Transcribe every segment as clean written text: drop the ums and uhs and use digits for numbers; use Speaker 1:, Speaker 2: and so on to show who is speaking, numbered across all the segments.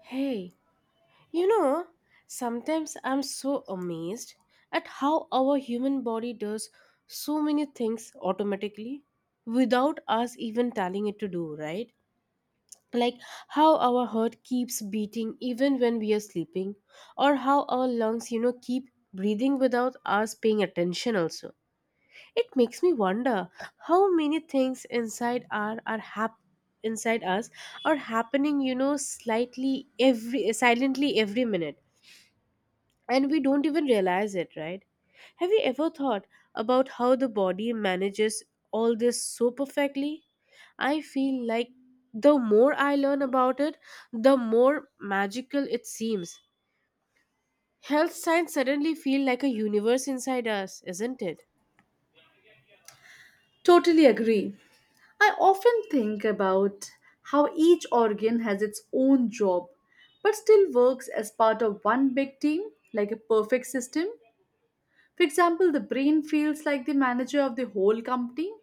Speaker 1: Hey, you know, sometimes I'm so amazed at how our human body does so many things automatically without us even telling it to do, right? Like how our heart keeps beating even when we are sleeping, or how our lungs, keep breathing without us paying attention, also it makes me wonder how many things inside us are happening, slightly every silently every minute, and we don't even realize it, right? Have you ever thought about how the body manages all this so perfectly? I feel like the more I learn about it, the more magical it seems. Health science suddenly feel like a universe inside us, isn't it?
Speaker 2: Totally agree. I often think about how each organ has its own job but still works as part of one big team, like a perfect system. For example, the brain feels like the manager of the whole company,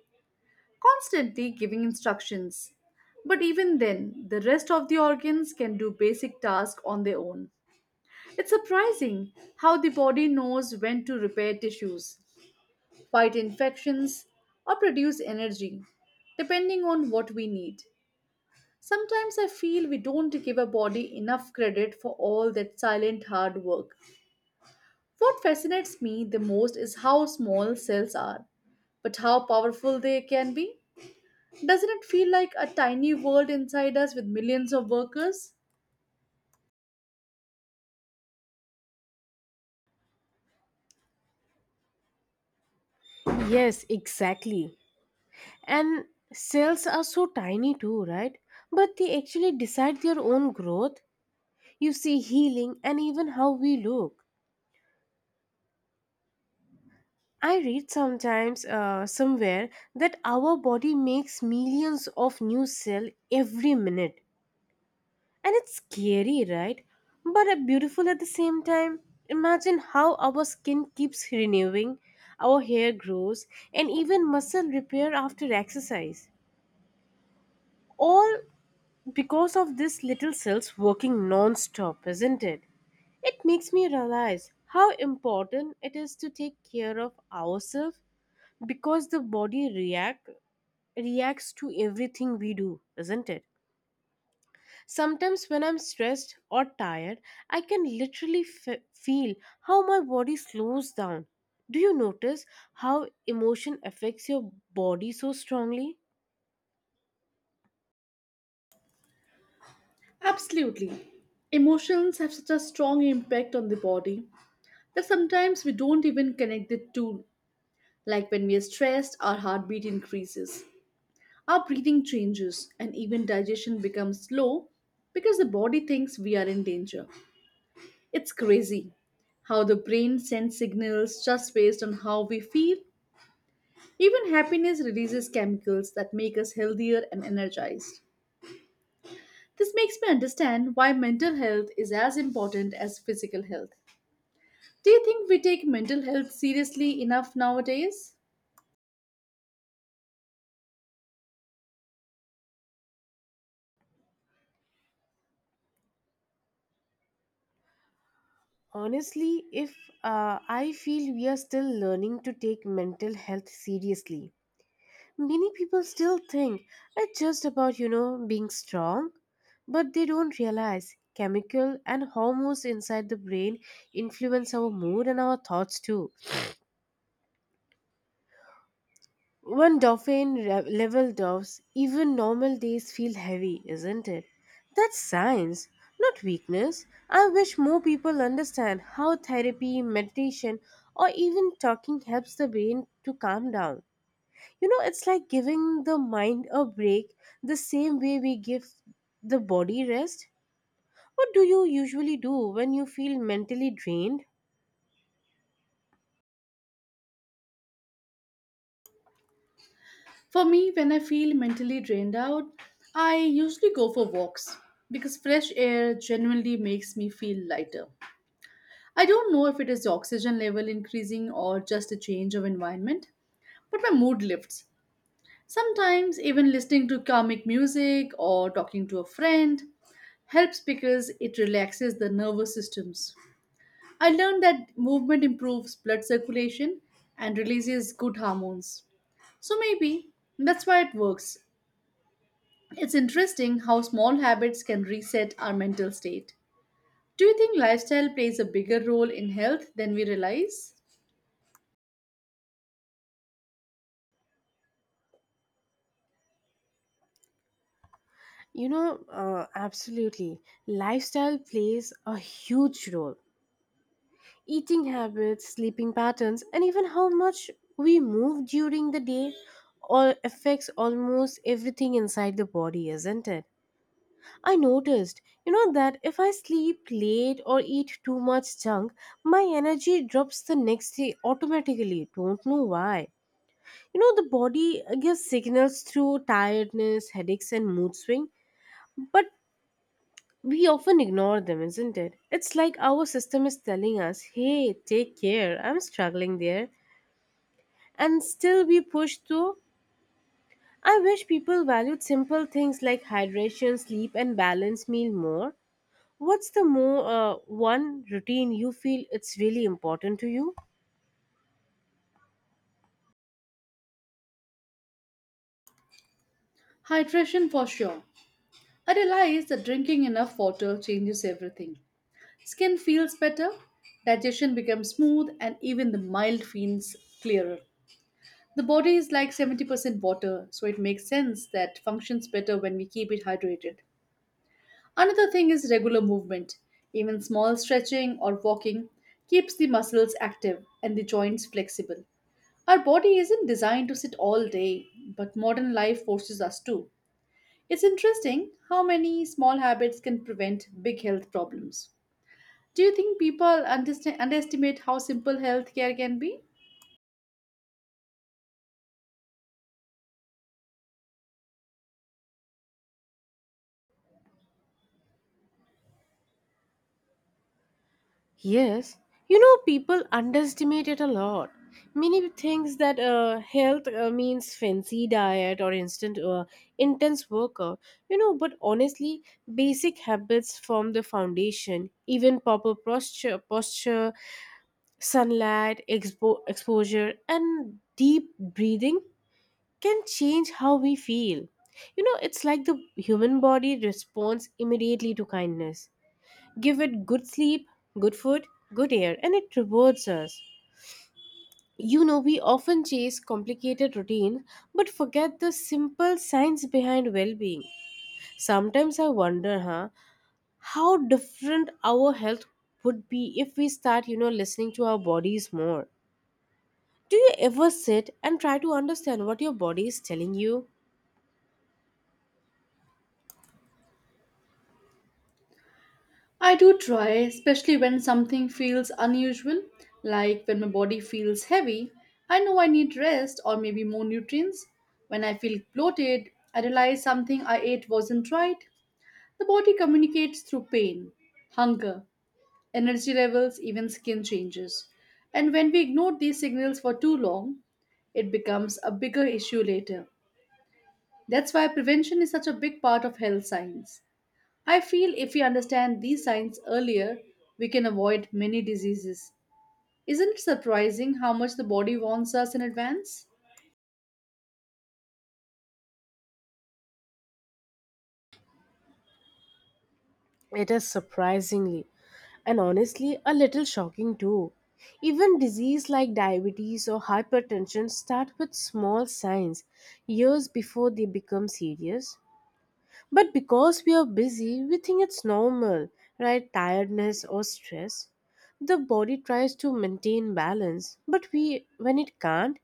Speaker 2: constantly giving instructions. But even then, the rest of the organs can do basic tasks on their own. It's surprising how the body knows when to repair tissues fight infections, or produce energy, depending on what we need. Sometimes I feel we don't give our body enough credit for all that silent hard work. What fascinates me the most is how small cells are, but how powerful they can be. Doesn't it feel like a tiny world inside us with millions of workers?
Speaker 1: Yes, exactly. And cells are so tiny too, right? But they actually decide their own growth, you see, healing, and even how we look. I read sometimes somewhere that our body makes millions of new cells every minute. And it's scary, right? But beautiful at the same time. Imagine how our skin keeps renewing, our hair grows, and even muscle repair after exercise all because of these little cells working non-stop, isn't it? It makes me realize how important it is to take care of ourselves because the body reacts to everything we do, isn't it? Sometimes when I'm stressed or tired, I can literally feel how my body slows down. Do you notice how emotion affects your body so strongly?
Speaker 2: Absolutely. Emotions have such a strong impact on the body that sometimes we don't even connect the two. Like when we are stressed, our heartbeat increases, our breathing changes, and even digestion becomes slow because the body thinks we are in danger. It's crazy how the brain sends signals just based on how we feel. Even happiness releases chemicals that make us healthier and energized. This makes me understand why mental health is as important as physical health. Do you think we take mental health seriously enough nowadays?
Speaker 1: Honestly, if I feel we are still learning to take mental health seriously, many people still think it's just about, being strong, but they don't realize chemical and hormones inside the brain influence our mood and our thoughts too. When level drops, even normal days feel heavy, isn't it? That's science, not weakness. I wish more people understand how therapy, meditation, or even talking helps the brain to calm down. You know, it's like giving the mind a break the same way we give the body rest. What do you usually do when you feel mentally drained?
Speaker 2: For me, when I feel mentally drained out, I usually go for walks because fresh air genuinely makes me feel lighter. I don't know if it is the oxygen level increasing or just a change of environment, but my mood lifts. Sometimes, even listening to calming music or talking to a friend helps because it relaxes the nervous systems. I learned that movement improves blood circulation and releases good hormones. So maybe that's why it works. It's interesting how small habits can reset our mental state. Do you think lifestyle plays a bigger role in health than we realize?
Speaker 1: Absolutely. Lifestyle plays a huge role. Eating habits, sleeping patterns, and even how much we move during the day all affects almost everything inside the body, isn't it? I noticed, that if I sleep late or eat too much junk, my energy drops the next day automatically. Don't know why. You know, the body gives signals through tiredness, headaches, and mood swing, but we often ignore them, isn't it? It's like our system is telling us, hey, take care, I'm struggling there. And still we push through. I wish people valued simple things like hydration, sleep, and balanced meal more. What's the more one routine you feel it's really important to you?
Speaker 2: Hydration for sure. I realize that drinking enough water changes everything. Skin feels better, digestion becomes smooth, and even the mild feels clearer. The body is like 70% water, so it makes sense that functions better when we keep it hydrated. Another thing is regular movement. Even small stretching or walking keeps the muscles active and the joints flexible. Our body isn't designed to sit all day, but modern life forces us to. It's interesting how many small habits can prevent big health problems. Do you think people underestimate how simple health care can be?
Speaker 1: Yes, people underestimate it a lot. Many thinks that health means fancy diet or instant intense workout, you know. But honestly, basic habits form the foundation. Even proper posture, sunlight, exposure, and deep breathing can change how we feel. You know, it's like the human body responds immediately to kindness, give it good sleep, good food, good air, and it rewards us. You know, we often chase complicated routines but forget the simple science behind well being. Sometimes I wonder, huh, how different our health would be if we start, listening to our bodies more. Do you ever sit and try to understand what your body is telling you?
Speaker 2: I do try, especially when something feels unusual, like when my body feels heavy. I know I need rest or maybe more nutrients. When I feel bloated, I realize something I ate wasn't right. The body communicates through pain, hunger, energy levels, even skin changes. And when we ignore these signals for too long, it becomes a bigger issue later. That's why prevention is such a big part of health science. I feel if we understand these signs earlier, we can avoid many diseases. Isn't it surprising how much the body warns us in advance?
Speaker 1: It is surprisingly, and honestly, a little shocking too. Even disease like diabetes or hypertension start with small signs years before they become serious. But because we are busy, we think it's normal, right? Tiredness or stress. The body tries to maintain balance, but we when it can't,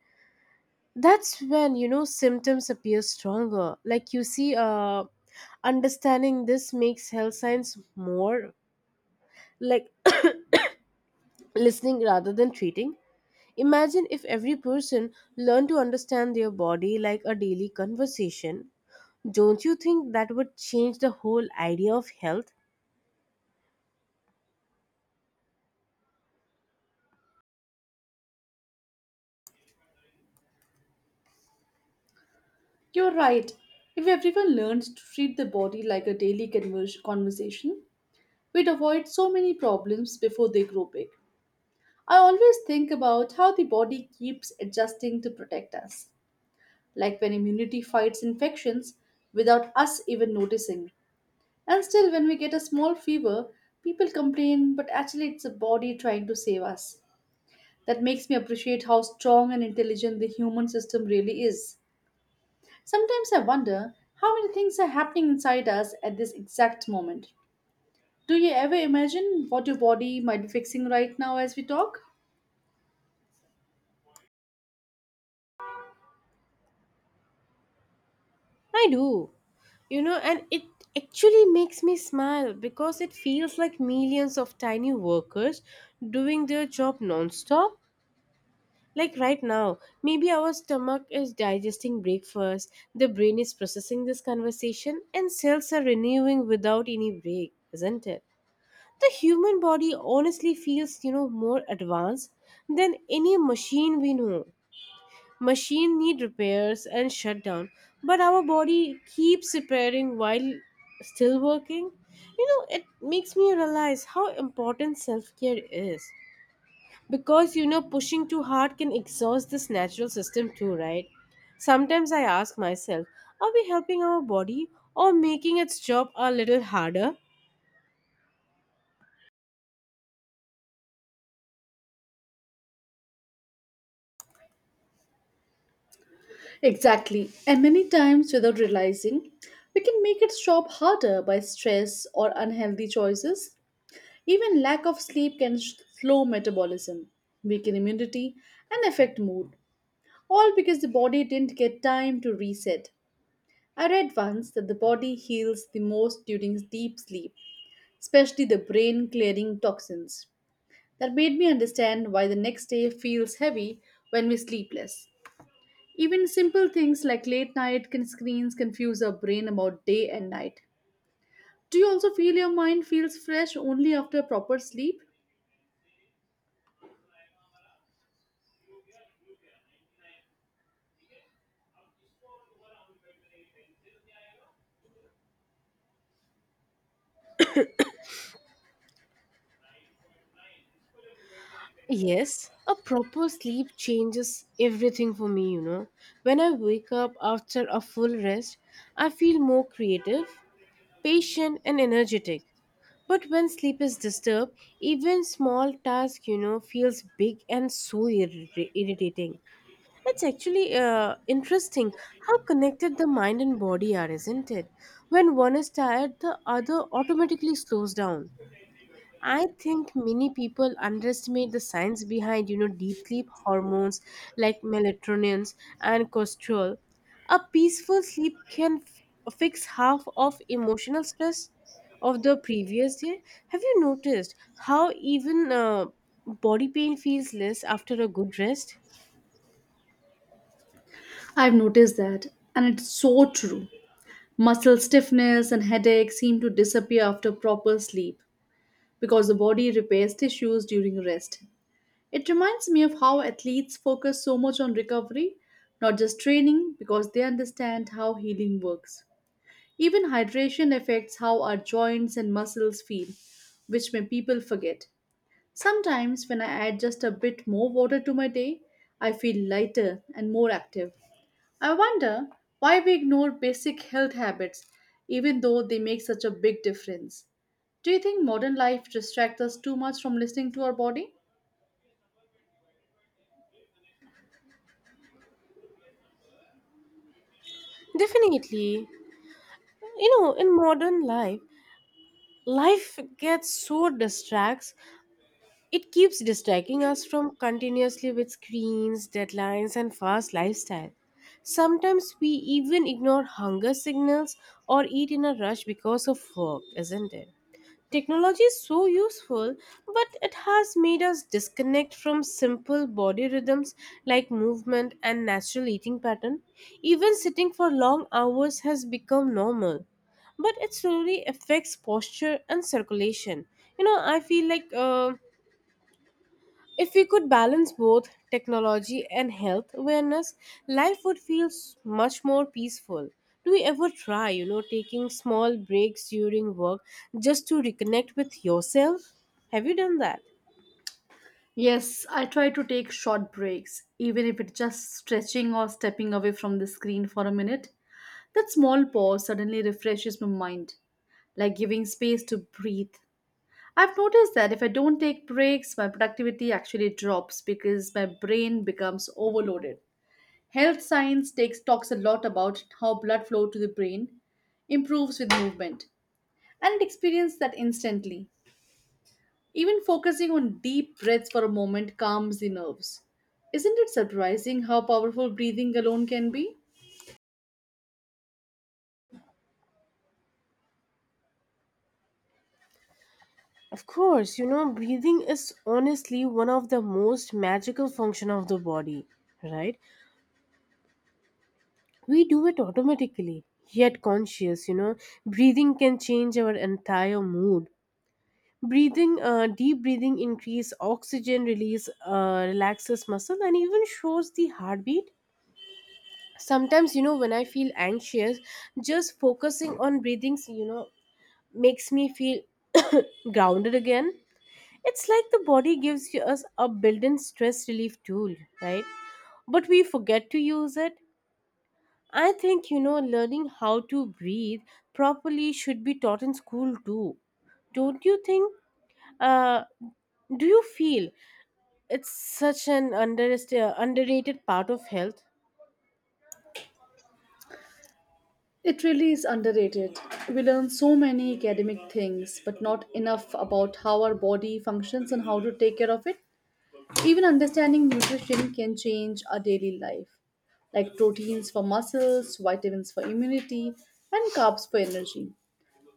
Speaker 1: that's when you know symptoms appear stronger. Understanding this makes health science more like listening rather than treating. Imagine if every person learned to understand their body like a daily conversation. Don't you think that would change the whole idea of health?
Speaker 2: You're right. If everyone learned to treat the body like a daily conversation, we'd avoid so many problems before they grow big. I always think about how the body keeps adjusting to protect us, like when immunity fights infections without us even noticing. And still, when we get a small fever, people complain, but actually, it's the body trying to save us. That makes me appreciate how strong and intelligent the human system really is. Sometimes I wonder how many things are happening inside us at this exact moment. Do you ever imagine what your body might be fixing right now as we talk?
Speaker 1: I do. You know, and it actually makes me smile because it feels like millions of tiny workers doing their job nonstop. Like right now, maybe our stomach is digesting breakfast, the brain is processing this conversation, and cells are renewing without any break, isn't it? The human body honestly feels, more advanced than any machine we know. Machine need repairs and shutdown, but our body keeps repairing while still working. You know, it makes me realize how important self-care is, because you know pushing too hard can exhaust this natural system too, right? Sometimes I ask myself, are we helping our body or making its job a little harder?
Speaker 2: Exactly. And many times, without realizing, we can make it stop harder by stress or unhealthy choices. Even lack of sleep can slow metabolism, weaken immunity, and affect mood, all because the body didn't get time to reset. I read once that the body heals the most during deep sleep, especially the brain clearing toxins. That made me understand why the next day feels heavy when we sleep less. Even simple things like late night can screens confuse our brain about day and night. Do you also feel your mind feels fresh only after proper sleep?
Speaker 1: Yes, a proper sleep changes everything for me, you know. When I wake up after a full rest, I feel more creative, patient and energetic. But when sleep is disturbed, even small task, you know, feels big and so irritating. That's actually interesting how connected the mind and body are, isn't it? When one is tired, the other automatically slows down. I think many people underestimate the science behind, deep sleep hormones like melatonin and cortisol. A peaceful sleep can fix half of emotional stress of the previous day. Have you noticed how even body pain feels less after a good rest?
Speaker 2: I've noticed that, and it's so true. Muscle stiffness and headache seem to disappear after proper sleep because the body repairs tissues during rest. It reminds me of how athletes focus so much on recovery, not just training, because they understand how healing works. Even hydration affects how our joints and muscles feel, which may people forget. Sometimes, when I add just a bit more water to my day, I feel lighter and more active. I wonder why we ignore basic health habits even though they make such a big difference. Do you think modern life distracts us too much from listening to our body?
Speaker 1: Definitely. You know, in modern life life gets so distracts, it keeps distracting us from continuously with screens, deadlines and fast lifestyle. Sometimes we even ignore hunger signals or eat in a rush because of work, isn't it? Technology is so useful, but it has made us disconnect from simple body rhythms like movement and natural eating pattern. Even sitting for long hours has become normal, but it slowly affects posture and circulation. You know, I feel like if we could balance both technology and health awareness, life would feel much more peaceful. Do we ever try, taking small breaks during work just to reconnect with yourself? Have you done that?
Speaker 2: Yes, I try to take short breaks, even if it's just stretching or stepping away from the screen for a minute. That small pause suddenly refreshes my mind, like giving space to breathe. I've noticed that if I don't take breaks, my productivity actually drops because my brain becomes overloaded. Health science talks a lot about how blood flow to the brain improves with movement, and experience that instantly. Even focusing on deep breaths for a moment calms the nerves. Isn't it surprising how powerful breathing alone can be?
Speaker 1: Of course, breathing is honestly one of the most magical function of the body, right? We do it automatically, yet conscious, breathing can change our entire mood. Breathing Deep breathing increase oxygen release, relaxes muscle and even shows the heartbeat. Sometimes, you know, when I feel anxious, just focusing on breathing, you know, makes me feel grounded again. It's like the body gives us a built-in stress relief tool, right? But we forget to use it. I think, you know, learning how to breathe properly should be taught in school too, don't you think? uh, do you feel, it's such an underrated part of health.
Speaker 2: It really is underrated. We learn so many academic things, but not enough about how our body functions and how to take care of it. Even understanding nutrition can change our daily life, like proteins for muscles, vitamins for immunity, and carbs for energy.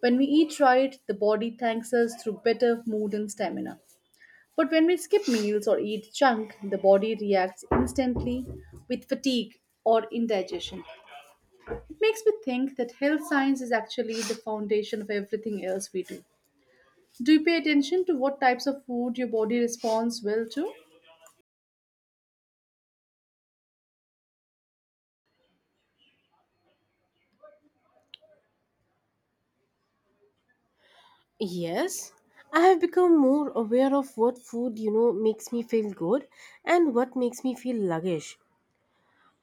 Speaker 2: When we eat right, the body thanks us through better mood and stamina. But when we skip meals or eat junk, the body reacts instantly with fatigue or indigestion. It makes me think that health science is actually the foundation of everything else we do. Do you pay attention to what types of food your body responds well to?
Speaker 1: Yes, I have become more aware of what food, makes me feel good and what makes me feel sluggish.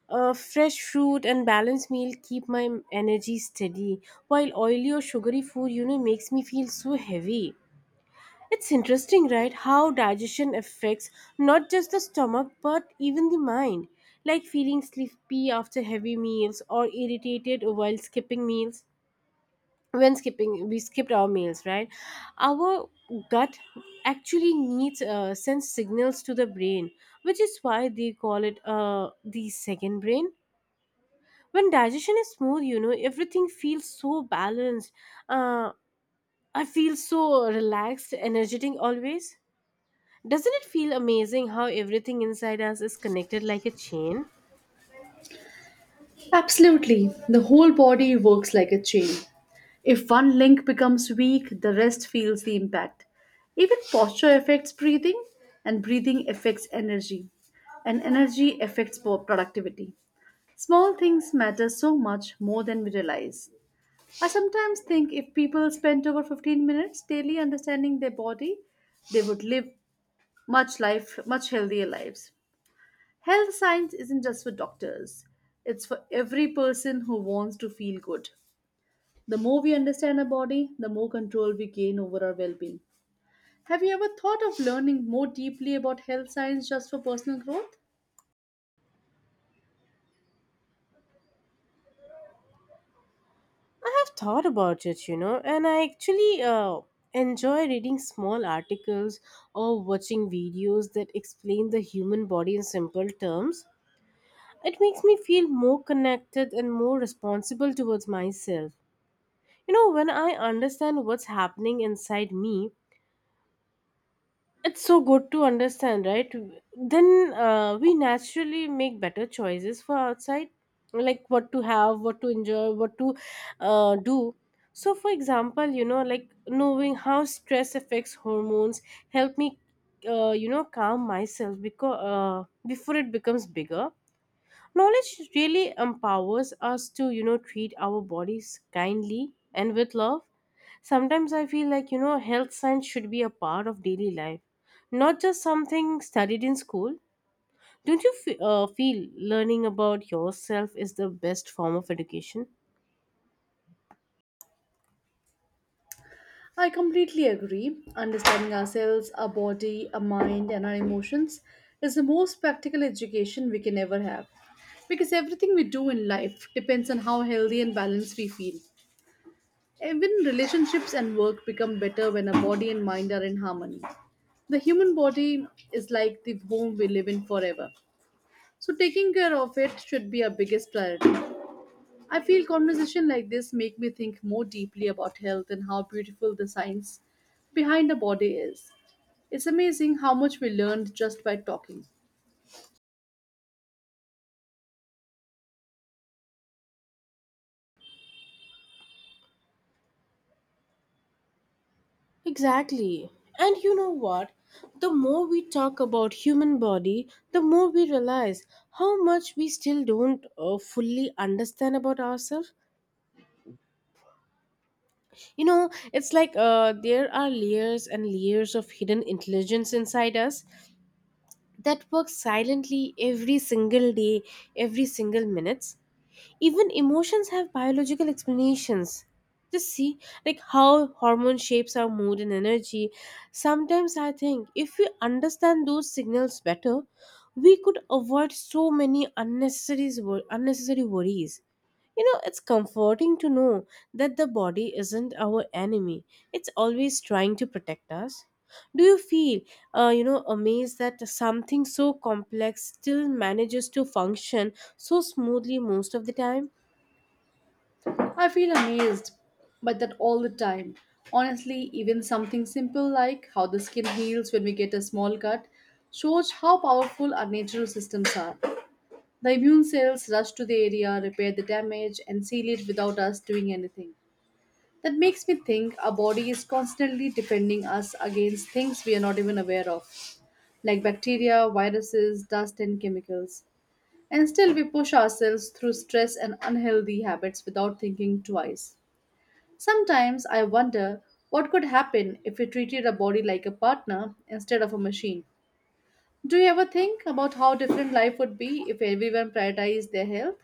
Speaker 1: Fresh fruit and balanced meal keep my energy steady, while oily or sugary food, makes me feel so heavy. It's interesting, right? How digestion affects not just the stomach but even the mind, like feeling sleepy after heavy meals or irritated while skipping meals. When skipping we skipped our meals, right? Our gut actually needs sends signals to the brain, which is why they call it, the second brain. When digestion is smooth, you know, everything feels so balanced. uh, I feel so relaxed, energetic always. Doesn't it feel amazing how everything inside us is connected like a chain?
Speaker 2: Absolutely. The whole body works like a chain. If one link becomes weak, the rest feels the impact. Even posture affects breathing, and breathing affects energy, and energy affects productivity. Small things matter so much more than we realize. I sometimes think if people spent over 15 minutes daily understanding their body, they would live much healthier lives. Health science isn't just for doctors, it's for every person who wants to feel good. The more we understand our body, the more control we gain over our well being. Have you ever thought of learning more deeply about health science just for personal growth?
Speaker 1: I have thought about it, you know, and I actually enjoy reading small articles or watching videos that explain the human body in simple terms. It makes me feel more connected and more responsible towards myself. You know, when I understand what's happening inside me, it's so good to understand right then, we naturally make better choices for outside, like what to have, what to enjoy, what to do. So for example, you know, like knowing how stress affects hormones help me, you know, calm myself because, before it becomes bigger. Knowledge really empowers us to, treat our bodies kindly and with love. Sometimes I feel like, health science should be a part of daily life, not just something studied in school. Don't you feel learning about yourself is the best form of education?
Speaker 2: I completely agree. Understanding ourselves, our body, our mind, and our emotions is the most practical education we can ever have. Because everything we do in life depends on how healthy and balanced we feel. Even relationships and work become better when a body and mind are in harmony. The human body is like the home we live in forever. So taking care of it should be our biggest priority. I feel conversation like this make me think more deeply about health and how beautiful the science behind the body is. It's amazing how much we learned just by talking.
Speaker 1: Exactly. And you know what? The more we talk about human body, the more we realize how much we still don't fully understand about ourselves. You know, it's like there are layers and layers of hidden intelligence inside us that works silently every single day, every single minutes, even emotions have biological explanations. Just see, like how hormone shapes our mood and energy. Sometimes I think if we understand those signals better, we could avoid so many unnecessary worries. You know, it's comforting to know that the body isn't our enemy. It's always trying to protect us. Do you feel, amazed that something so complex still manages to function so smoothly most of the time?
Speaker 2: I feel amazed by that all the time. Honestly, even something simple like how the skin heals when we get a small cut shows how powerful our natural systems are. The immune cells rush to the area, repair the damage, and seal it without us doing anything. That makes me think our body is constantly defending us against things we are not even aware of, like bacteria, viruses, dust, and chemicals. And still, we push ourselves through stress and unhealthy habits without thinking twice. Sometimes I wonder what could happen if we treated our body like a partner instead of a machine. Do you ever think about how different life would be if everyone prioritized their health?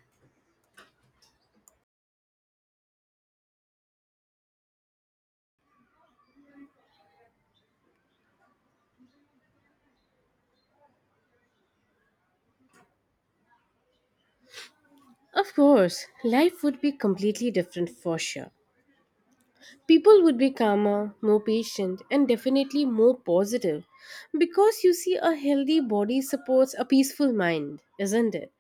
Speaker 1: Of course, life would be completely different for sure. People would be calmer, more patient, and definitely more positive. Because you see, a healthy body supports a peaceful mind, isn't it?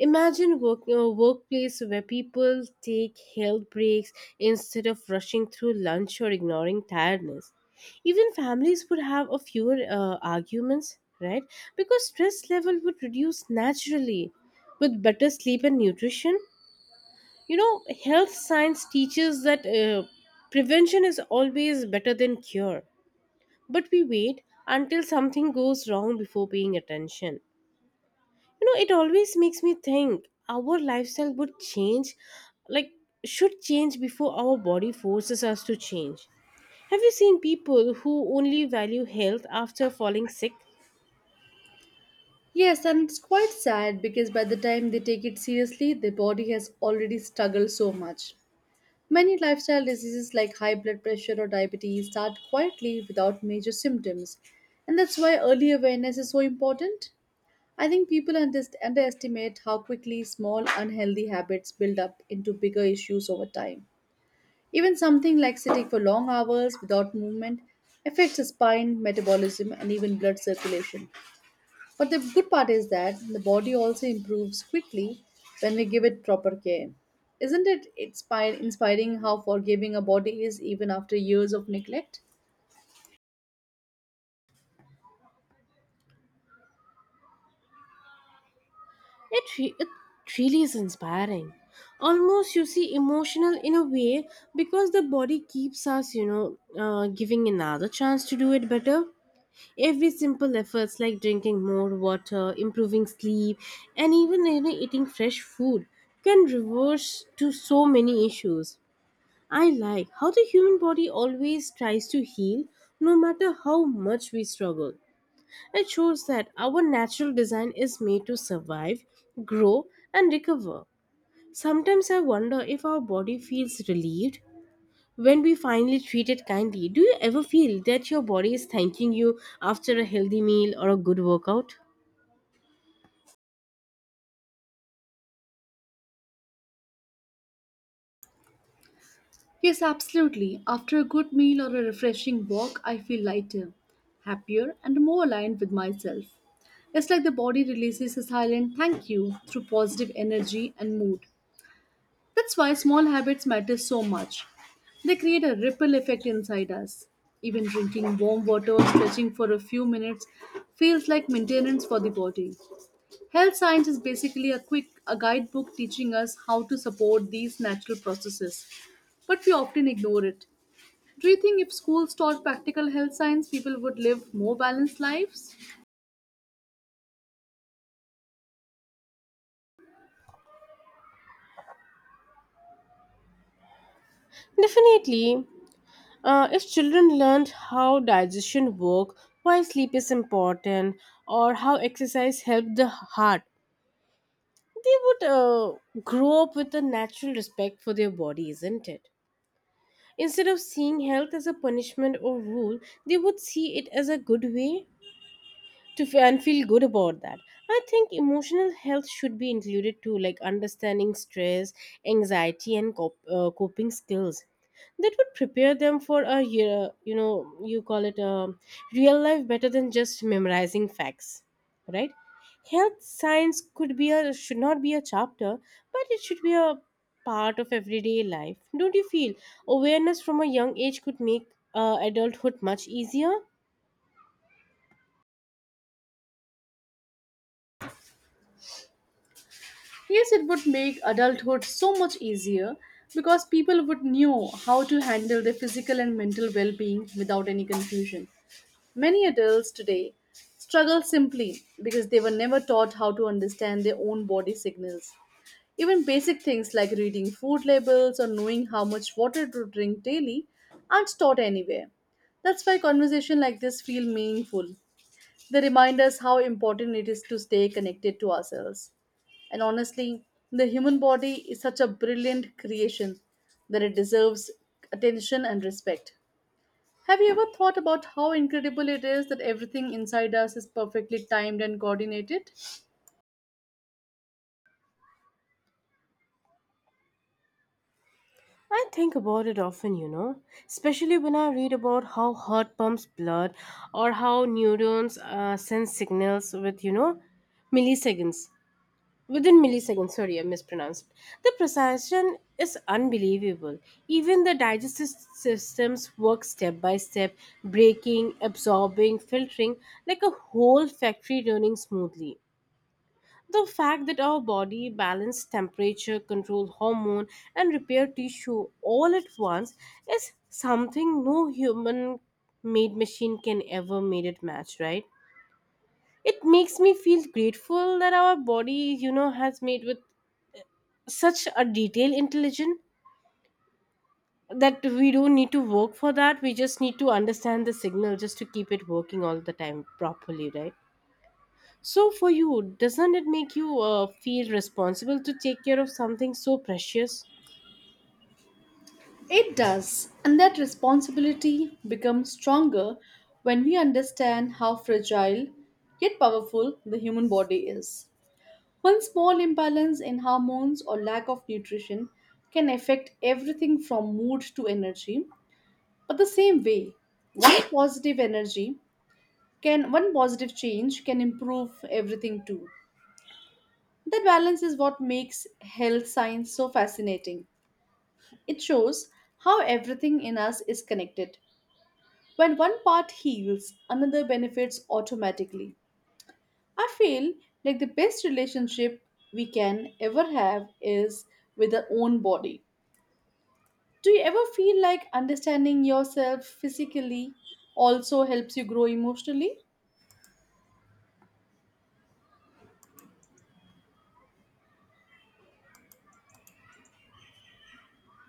Speaker 1: Imagine a workplace where people take health breaks instead of rushing through lunch or ignoring tiredness. Even families would have a fewer arguments, right? Because stress level would reduce naturally with better sleep and nutrition. You know, health science teaches that prevention is always better than cure, but we wait until something goes wrong before paying attention. You know, it always makes me think our lifestyle would change, like should change before our body forces us to change. Have you seen people who only value health after falling sick?
Speaker 2: Yes, and it's quite sad because by the time they take it seriously, their body has already struggled so much. Many lifestyle diseases like high blood pressure or diabetes start quietly without major symptoms, and that's why early awareness is so important. I think people underestimate how quickly small unhealthy habits build up into bigger issues over time. Even something like sitting for long hours without movement affects the spine, metabolism, and even blood circulation. But the good part is that the body also improves quickly when we give it proper care. Isn't it inspiring how forgiving a body is even after years of neglect?
Speaker 1: It really is inspiring. Almost you see emotional in a way, because the body keeps us, giving another chance to do it better. Every simple efforts like drinking more water, improving sleep, and even eating fresh food can reverse to so many issues. I like how the human body always tries to heal no matter how much we struggle. It shows that our natural design is made to survive, grow, and recover. Sometimes I wonder if our body feels relieved when we finally treat it kindly. Do you ever feel that your body is thanking you after a healthy meal or a good workout?
Speaker 2: Yes, absolutely. After a good meal or a refreshing walk, I feel lighter, happier, and more aligned with myself. It's like the body releases a silent thank you through positive energy and mood. That's why small habits matter so much. They create a ripple effect inside us. Even drinking warm water or stretching for a few minutes feels like maintenance for the body. Health science is basically a guidebook teaching us how to support these natural processes, but we often ignore it. Do you think if schools taught practical health science, people would live more balanced lives?
Speaker 1: Definitely. If children learned how digestion work, why sleep is important, or how exercise helped the heart, they would grow up with a natural respect for their body, isn't it? Instead of seeing health as a punishment or rule, they would see it as a good way to f- and feel good about that. I think emotional health should be included too, like understanding stress, anxiety, and coping skills. That would prepare them for a year, you call it a real life, better than just memorizing facts, right? Health science could be a should not be a chapter, but it should be a part of everyday life. Don't you feel awareness from a young age could make adulthood much easier?
Speaker 2: Yes, it would make adulthood so much easier because people would know how to handle their physical and mental well-being without any confusion. Many adults today struggle simply because they were never taught how to understand their own body signals. Even basic things like reading food labels or knowing how much water to drink daily aren't taught anywhere. That's why conversation like this feel meaningful. They remind us how important it is to stay connected to ourselves. And honestly, the human body is such a brilliant creation that it deserves attention and respect. Have you ever thought about how incredible it is that everything inside us is perfectly timed and coordinated?
Speaker 1: I think about it often, you know, especially when I read about how heart pumps blood or how neurons send signals with, milliseconds. Within milliseconds, sorry, I mispronounced. The precision is unbelievable. Even the digestive systems work step by step, breaking, absorbing, filtering, like a whole factory running smoothly. The fact that our body balance temperature, control hormone, and repair tissue all at once is something no human made machine can ever made it match, right? It makes me feel grateful that our body, you know, has made with such a detailed intelligence that we don't need to work for that. We just need to understand the signal just to keep it working all the time properly, right? So, for you, doesn't it make you feel responsible to take care of something so precious?
Speaker 2: It does, and that responsibility becomes stronger when we understand how fragile yet powerful the human body is. One small imbalance in hormones or lack of nutrition can affect everything from mood to energy. But the same way, one positive energy one positive change can improve everything too. That balance is what makes health science so fascinating. It shows how everything in us is connected. When one part heals, another benefits automatically. I feel like the best relationship we can ever have is with our own body. Do you ever feel like understanding yourself physically also helps you grow emotionally?